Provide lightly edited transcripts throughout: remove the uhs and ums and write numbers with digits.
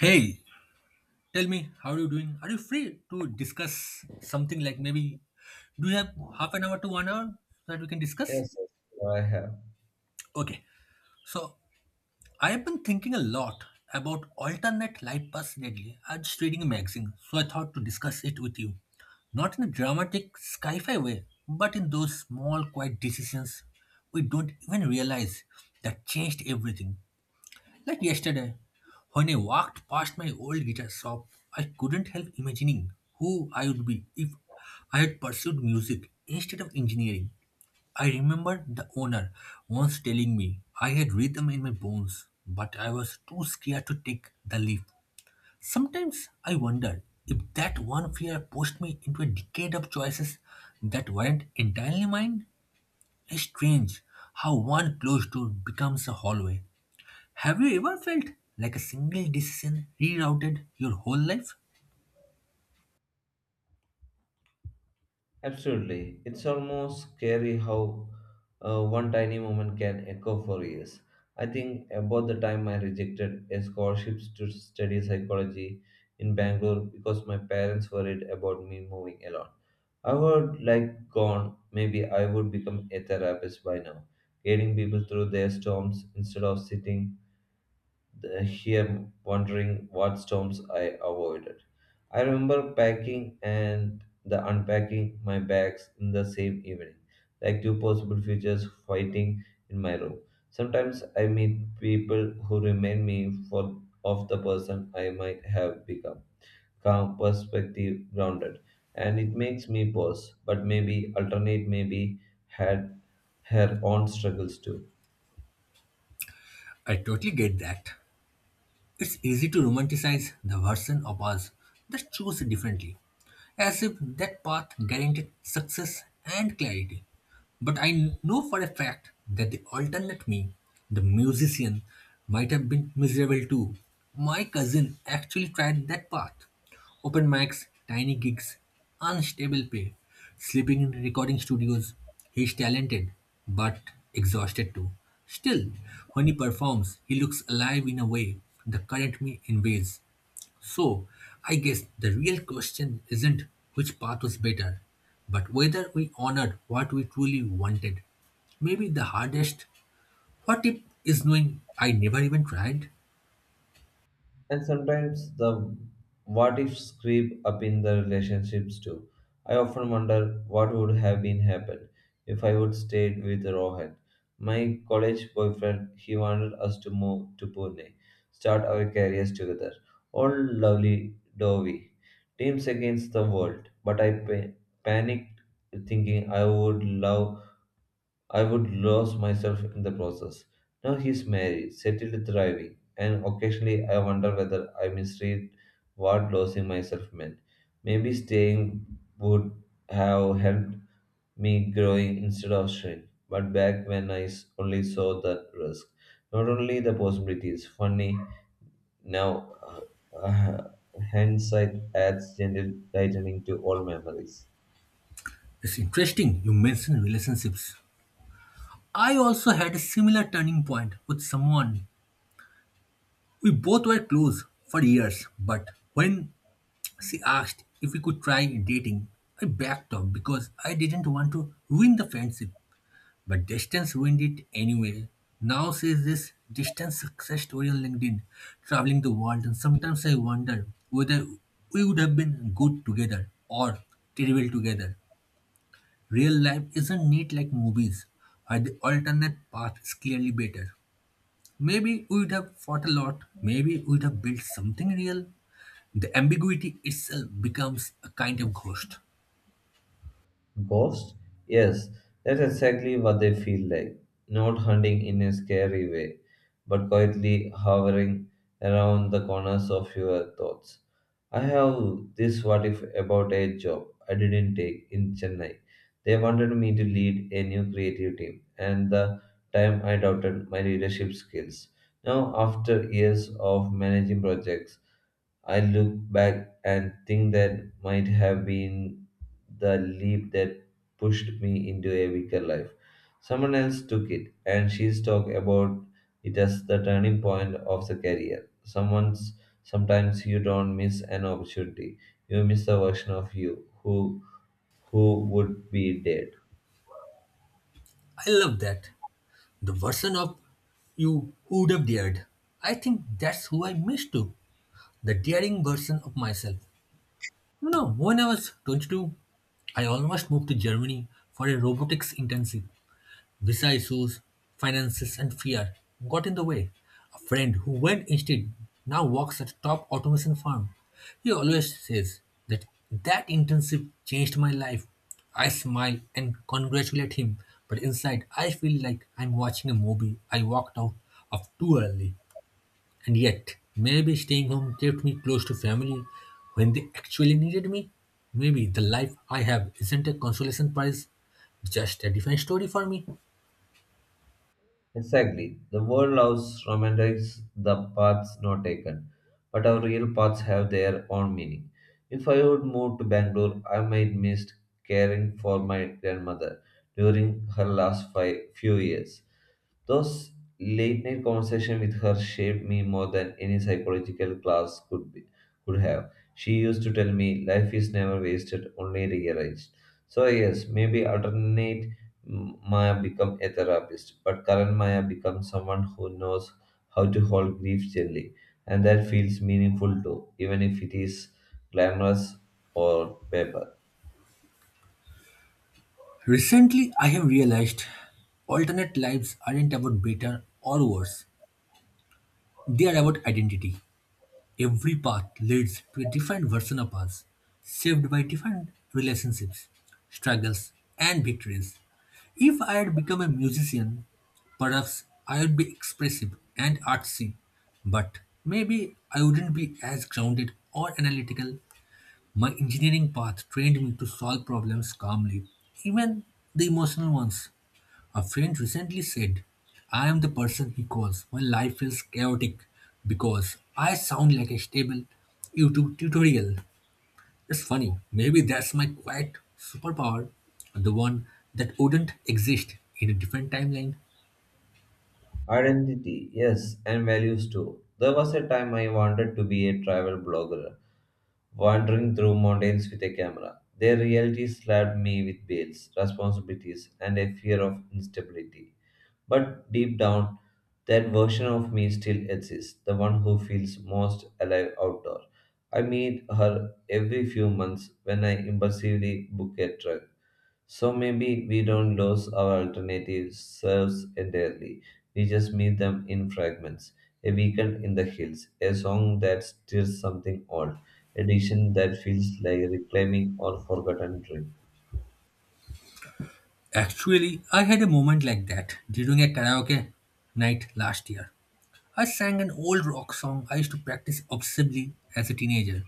Hey, tell me, how are you doing? Are you free to discuss something like maybe do you have half an hour to 1 hour that we can discuss? Yes, yes, I have. Okay, so I have been thinking a lot about alternate life paths lately. I was reading a magazine, so I thought to discuss it with you. Not in a dramatic sci fi way, but in those small, quiet decisions we don't even realize that changed everything. Like yesterday, when I walked past my old guitar shop, I couldn't help imagining who I would be if I had pursued music instead of engineering. I remember the owner once telling me I had rhythm in my bones, but I was too scared to take the leap. Sometimes I wonder if that one fear pushed me into a decade of choices that weren't entirely mine. It's strange how one closed door becomes a hallway. Have you ever felt like a single decision rerouted your whole life? Absolutely. It's almost scary how one tiny moment can echo for years. I think about the time I rejected a scholarship to study psychology in Bangalore because my parents worried about me moving alone. I would like gone, maybe I would become a therapist by now, guiding people through their storms instead of sitting here wondering what storms I avoided. I remember packing and the unpacking my bags in the same evening, like two possible futures fighting in my room. Sometimes I meet people who remind me for of the person I might have become. Calm, perspective, grounded, and it makes me pause. But maybe alternate, maybe had her own struggles too. I totally get that. It's easy to romanticize the version of us that chose differently, as if that path guaranteed success and clarity. But I know for a fact that the alternate me, the musician, might have been miserable too. My cousin actually tried that path. Open mics, tiny gigs, unstable pay, sleeping in recording studios. He's talented, but exhausted too. Still, when he performs, he looks alive in a way the current me invades. So, I guess the real question isn't which path was better, but whether we honored what we truly wanted. Maybe the hardest what if is knowing I never even tried? And sometimes the what ifs creep up in the relationships too. I often wonder what would have been happened if I would stayed with Rohan. My college boyfriend, he wanted us to move to Pune, start our careers together. All lovely dovey. Teams against the world. But panicked thinking I would lose myself in the process. Now he's married, settled, thriving, and occasionally I wonder whether I misread what losing myself meant. Maybe staying would have helped me growing instead of shrink. But back when only saw the risk, not only the possibilities. Funny now, uh, uh, hindsight adds gentle lightening to all memories. It's interesting you mentioned relationships. I also had a similar turning point with someone. We both were close for years, but when she asked if we could try dating, I backed off because I didn't want to ruin the friendship. But distance win it anyway. Now sees this distance success story on LinkedIn, traveling the world, and sometimes I wonder whether we would have been good together or terrible together. Real life isn't neat like movies, where the alternate path is clearly better. Maybe we would have fought a lot, maybe we would have built something real. The ambiguity itself becomes a kind of ghost. Ghosts? Yes, that's exactly what they feel like. Not hunting in a scary way, but quietly hovering around the corners of your thoughts. I have this what if about a job I didn't take in Chennai. They wanted me to lead a new creative team, and the time I doubted my leadership skills. Now, after years of managing projects, I look back and think that might have been the leap that pushed me into a weaker life. Someone else took it, and she's talked about it as the turning point of the career. Someone's sometimes you don't miss an opportunity; you miss the version of you who would be dead. I love that. The version of you who'd have dared. I think that's who I missed too. The daring version of myself. You know, when I was 22, I almost moved to Germany for a robotics intensive. Visa issues, finances, and fear got in the way. A friend who went instead now works at a top automation firm. He always says that that internship changed my life. I smile and congratulate him, but inside I feel like I'm watching a movie I walked out of too early. And yet, maybe staying home kept me close to family when they actually needed me. Maybe the life I have isn't a consolation prize, just a different story for me. Exactly. The world loves romantics the paths not taken, but our real paths have their own meaning. If I would move to Bangalore, I might miss caring for my grandmother during her last five, few years. Those late night conversations with her shaped me more than any psychological class could have. She used to tell me life is never wasted, only realized. So yes, maybe alternate Maya become a therapist, but current Maya becomes someone who knows how to hold grief gently, and that feels meaningful too, even if it is glamorous or paper. Recently, I have realized alternate lives aren't about better or worse, they are about identity. Every path leads to a different version of us, shaped by different relationships, struggles, and victories. If I had become a musician, perhaps I would be expressive and artsy, but maybe I wouldn't be as grounded or analytical. My engineering path trained me to solve problems calmly, even the emotional ones. A friend recently said, I am the person he calls when life feels chaotic because I sound like a stable YouTube tutorial. It's funny, maybe that's my quiet superpower, the one that wouldn't exist in a different timeline. Identity, yes, and values too. There was a time I wanted to be a travel blogger, wandering through mountains with a camera. Their reality slapped me with bills, responsibilities, and a fear of instability. But deep down, that version of me still exists, the one who feels most alive outdoor. I meet her every few months when I impulsively book a trip so maybe we don't lose our alternative selves entirely. We just meet them in fragments. A weekend in the hills, a song that stirs something old, a diction that feels like reclaiming or forgotten dreams. Actually, I had a moment like that during a karaoke night last year. I sang an old rock song I used to practice obsessively as a teenager,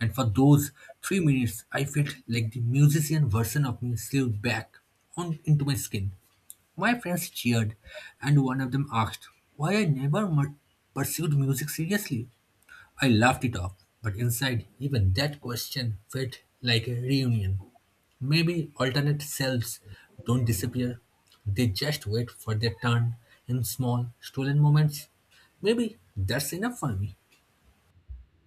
and for those 3 minutes, I felt like the musician version of me slid back on into my skin. My friends cheered, and one of them asked why I never pursued music seriously. I laughed it off, but inside, even that question felt like a reunion. Maybe alternate selves don't disappear, they just wait for their turn in small, stolen moments. Maybe that's enough for me.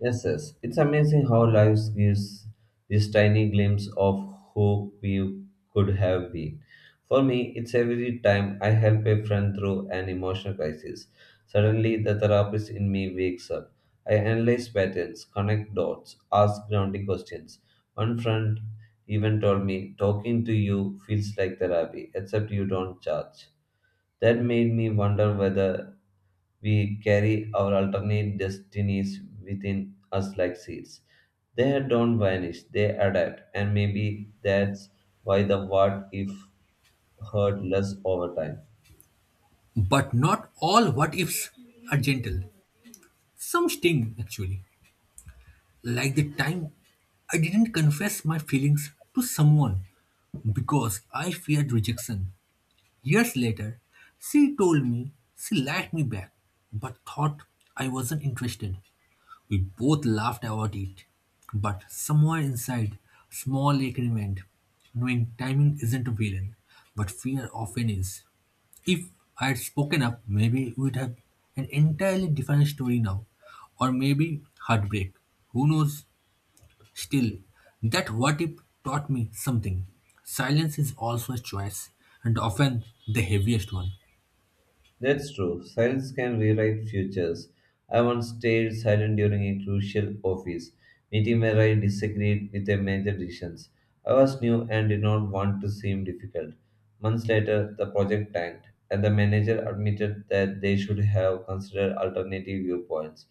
Yes, yes. It's amazing how life gives this tiny glimpse of who we could have been. For me, it's every time I help a friend through an emotional crisis. Suddenly, the therapist in me wakes up. I analyze patterns, connect dots, ask grounding questions. One friend even told me, talking to you feels like therapy, except you don't charge. That made me wonder whether we carry our alternate destinies within us like seeds. They don't vanish, they adapt, and maybe that's why the what if hurt less over time. But not all what ifs are gentle. Some sting, actually. Like the time I didn't confess my feelings to someone because I feared rejection. Years later, she told me she liked me back, but thought I wasn't interested. We both laughed about it, but somewhere inside, small agreement, knowing timing isn't a villain, but fear often is. If I had spoken up, maybe we'd have an entirely different story now, or maybe heartbreak. Who knows? Still, that what if taught me something. Silence is also a choice, and often the heaviest one. That's true. Silence can rewrite futures. I once stayed silent during a crucial office meeting where I disagreed with a major decision. I was new and did not want to seem difficult. Months later, the project tanked, and the manager admitted that they should have considered alternative viewpoints.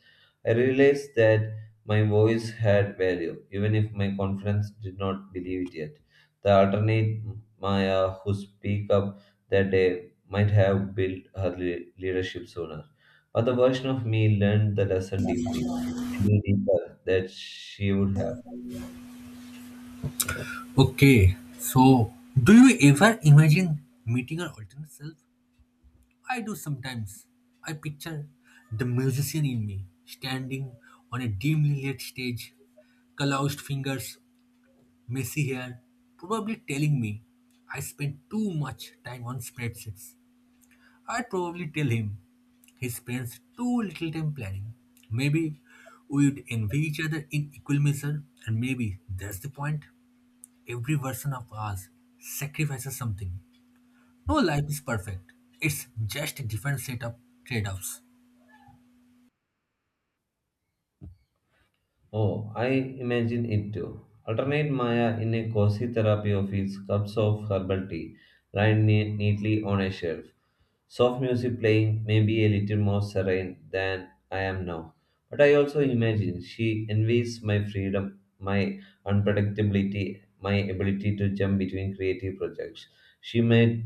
I realized that my voice had value, even if my confidence did not believe it yet. The alternate Maya who speak up that day might have built her leadership sooner. But the version of me learned the lesson deeply, any deeper that she would have. Okay, so do you ever imagine meeting your alternate self? I do sometimes. I picture the musician in me standing on a dimly lit stage, calloused fingers, messy hair, probably telling me I spent too much time on spreadsheets. I'd probably tell him he spends too little time planning. Maybe we'd envy each other in equal measure, and maybe that's the point. Every version of us sacrifices something. No life is perfect, it's just a different set of trade offs. Oh, I imagine it too. Alternate Maya in a cozy therapy office, cups of herbal tea lined neatly on a shelf. Soft music playing, maybe a little more serene than I am now. But I also imagine she envies my freedom, my unpredictability, my ability to jump between creative projects. She might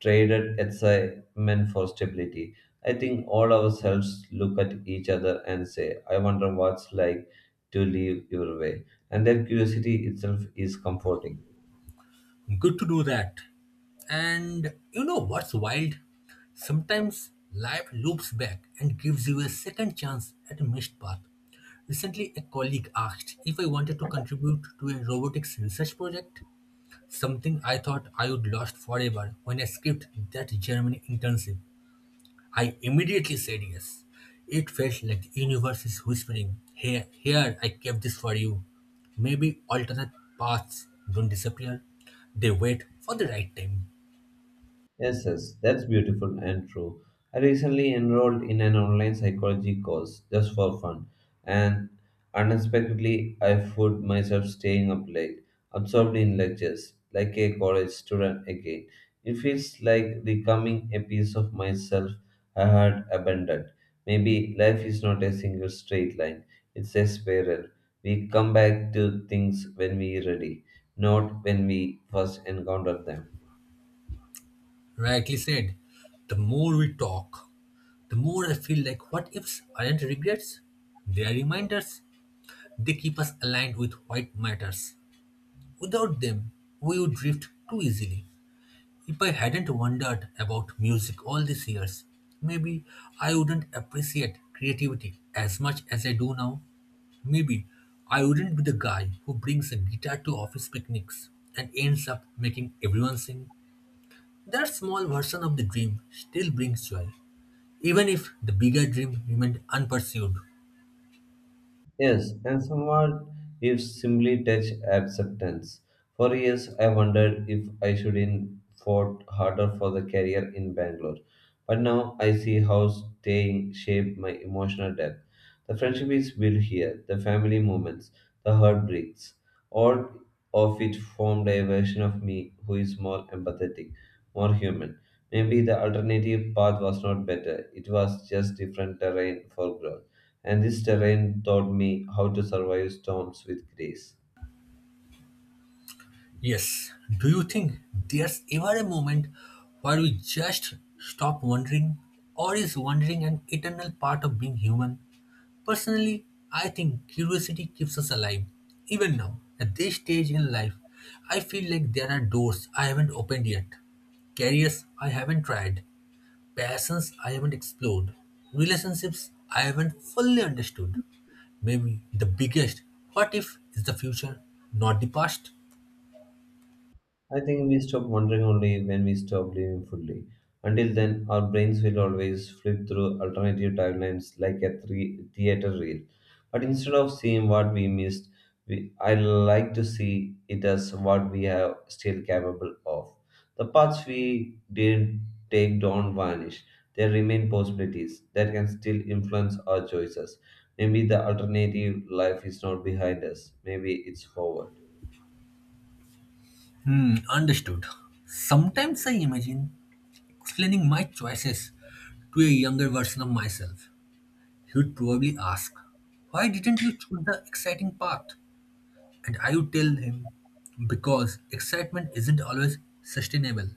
traded excitement for stability. I think all ourselves look at each other and say, I wonder what's like to live your way. And that curiosity itself is comforting. Good to do that. And you know what's wild? Sometimes life loops back and gives you a second chance at a missed path. Recently, a colleague asked if I wanted to contribute to a robotics research project. Something I thought I would lost forever when I skipped that Germany intensive. I immediately said yes. It felt like the universe is whispering, here, here, I kept this for you. Maybe alternate paths don't disappear. They wait for the right time. Yes, yes, that's beautiful and true. I recently enrolled in an online psychology course just for fun, and unexpectedly, I found myself staying up late, absorbed in lectures, like a college student again. It feels like becoming a piece of myself I had abandoned. Maybe life is not a single straight line, it's a spiral. We come back to things when we're ready, not when we first encounter them. Rightly said. The more we talk, the more I feel like what ifs aren't regrets, they are reminders. They keep us aligned with what matters. Without them, we would drift too easily. If I hadn't wondered about music all these years, maybe I wouldn't appreciate creativity as much as I do now. Maybe I wouldn't be the guy who brings a guitar to office picnics and ends up making everyone sing. That small version of the dream still brings joy, even if the bigger dream remained unpursued. Yes, and somewhat we've simply touched acceptance. For years, I wondered if I should in fought harder for the career in Bangalore. But now I see how staying shaped my emotional depth. The friendship is built here, the family moments, the heartbreaks, all of it formed a version of me who is more empathetic, more human. Maybe the alternative path was not better, it was just different terrain for growth and this terrain taught me how to survive storms with grace. Yes. Do you think there's ever a moment where we just stop wondering, or is wondering an eternal part of being human? Personally, I think curiosity keeps us alive. Even now, at this stage in life, I feel like there are doors I haven't opened yet, careers I haven't tried, passions I haven't explored, relationships I haven't fully understood. Maybe the biggest what if is the future, not the past. I think we stop wondering only when we stop living fully. Until then, our brains will always flip through alternative timelines like a three theater reel. But instead of seeing what we missed, we, I like to see it as what we are still capable of. The paths we didn't take don't vanish. There remain possibilities that can still influence our choices. Maybe the alternative life is not behind us. Maybe it's forward. Hmm, understood. Sometimes I imagine explaining my choices to a younger version of myself. He would probably ask, why didn't you choose the exciting path? And I would tell him, because excitement isn't always sustainable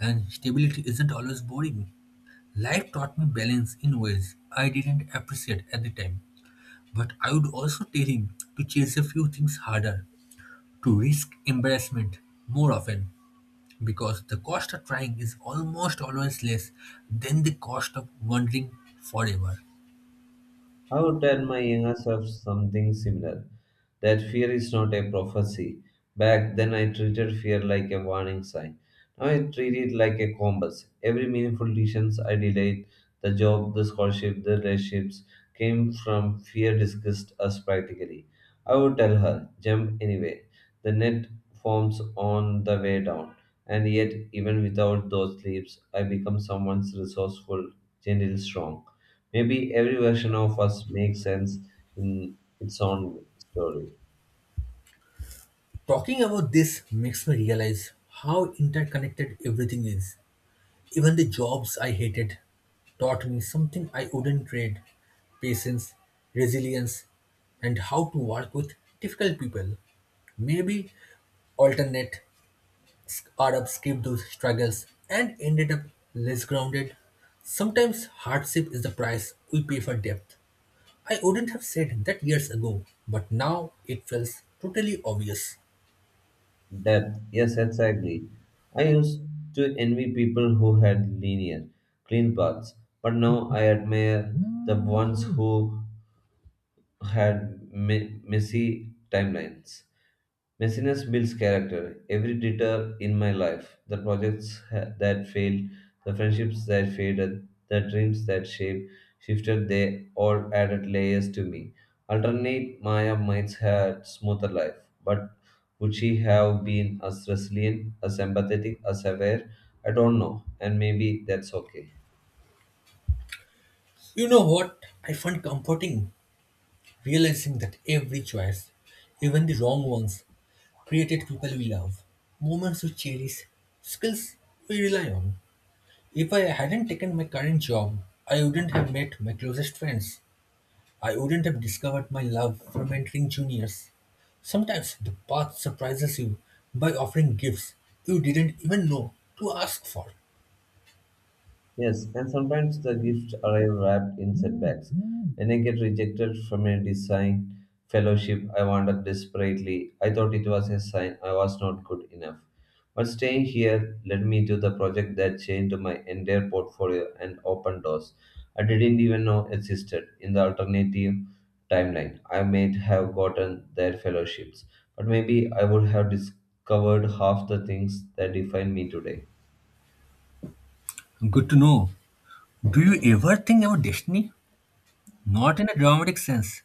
and stability isn't always boring. Life taught me balance in ways I didn't appreciate at the time. But I would also tell him to chase a few things harder, to risk embarrassment more often because the cost of trying is almost always less than the cost of wandering forever. I would tell my younger self something similar that fear is not a prophecy. Back then, I treated fear like a warning sign. Now I treat it like a compass. Every meaningful decision I delayed, the job, the scholarship, the relationships, came from fear discussed us practically. I would tell her, jump anyway. The net forms on the way down. And yet, even without those leaps, I become someone's resourceful, gentle, strong. Maybe every version of us makes sense in its own story. Talking about this makes me realize how interconnected everything is. Even the jobs I hated taught me something I wouldn't trade, patience, resilience, and how to work with difficult people. Maybe alternate Arabs skipped those struggles and ended up less grounded. Sometimes hardship is the price we pay for depth. I wouldn't have said that years ago, but now it feels totally obvious. Depth, yes, exactly. I used to envy people who had linear, clean paths, but now I admire the ones who had messy timelines. Messiness builds character. Every detour in my life, the projects that failed, the friendships that faded, the dreams that shaped, shifted, they all added layers to me. Alternate Maya might had smoother life, but would she have been as resilient, as empathetic, as aware? I don't know, and maybe that's okay. You know what? I find comforting realizing that every choice, even the wrong ones, created people we love, moments we cherish, skills we rely on. If I hadn't taken my current job, I wouldn't have met my closest friends. I wouldn't have discovered my love for mentoring juniors. Sometimes the path surprises you by offering gifts you didn't even know to ask for. Yes, and sometimes the gifts arrive wrapped in setbacks. When I get rejected from a design fellowship, I wandered desperately. I thought it was a sign I was not good enough. But staying here led me to the project that changed my entire portfolio and opened doors I didn't even know existed. In the alternative timeline, I might have gotten their fellowships, but maybe I would have discovered half the things that define me today. Good to know. Do you ever think about destiny? Not in a dramatic sense,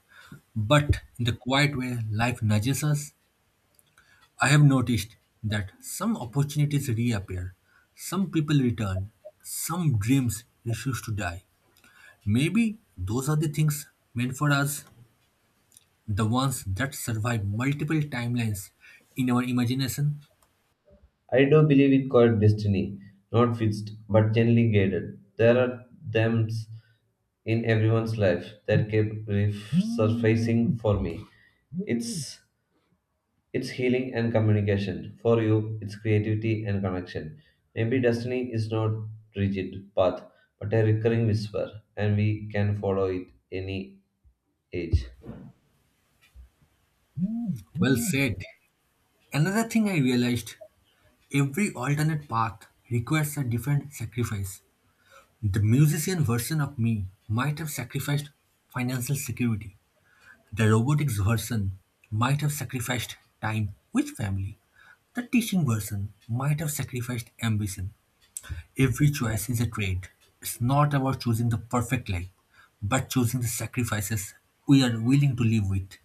but in the quiet way life nudges us. I have noticed that some opportunities reappear, some people return, some dreams refuse to die. Maybe those are the things meant for us, the ones that survive multiple timelines in our imagination. I do believe in called destiny, not fixed but gently guided. There are themes in everyone's life that kept resurfacing for me. It's it's healing and communication. For you, it's creativity and connection. Maybe destiny is not rigid path, but a recurring whisper, and we can follow it any age. Well said. Another thing I realized, every alternate path requires a different sacrifice. The musician version of me might have sacrificed financial security. The robotics version might have sacrificed time with family. The teaching version might have sacrificed ambition. Every choice is a trade. It's not about choosing the perfect life, but choosing the sacrifices we are willing to live with.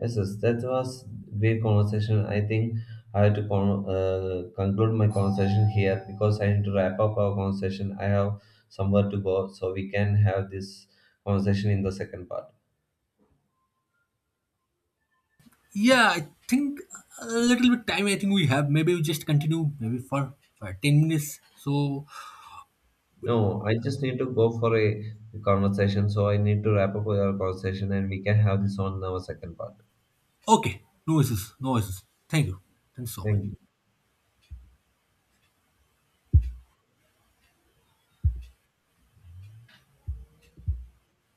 Yes, yes, that was great conversation. I think I have to conclude my conversation here because I need to wrap up our conversation. I have somewhere to go, so we can have this conversation in the second part. Yeah, I think a little bit time I think we have. Maybe we just continue maybe for 10 minutes. So, No, I just need to go for a conversation, so I need to wrap up our conversation, and we can have this on our second part. okay. No issues. No issues. Thank you. Thanks so much. Thank you.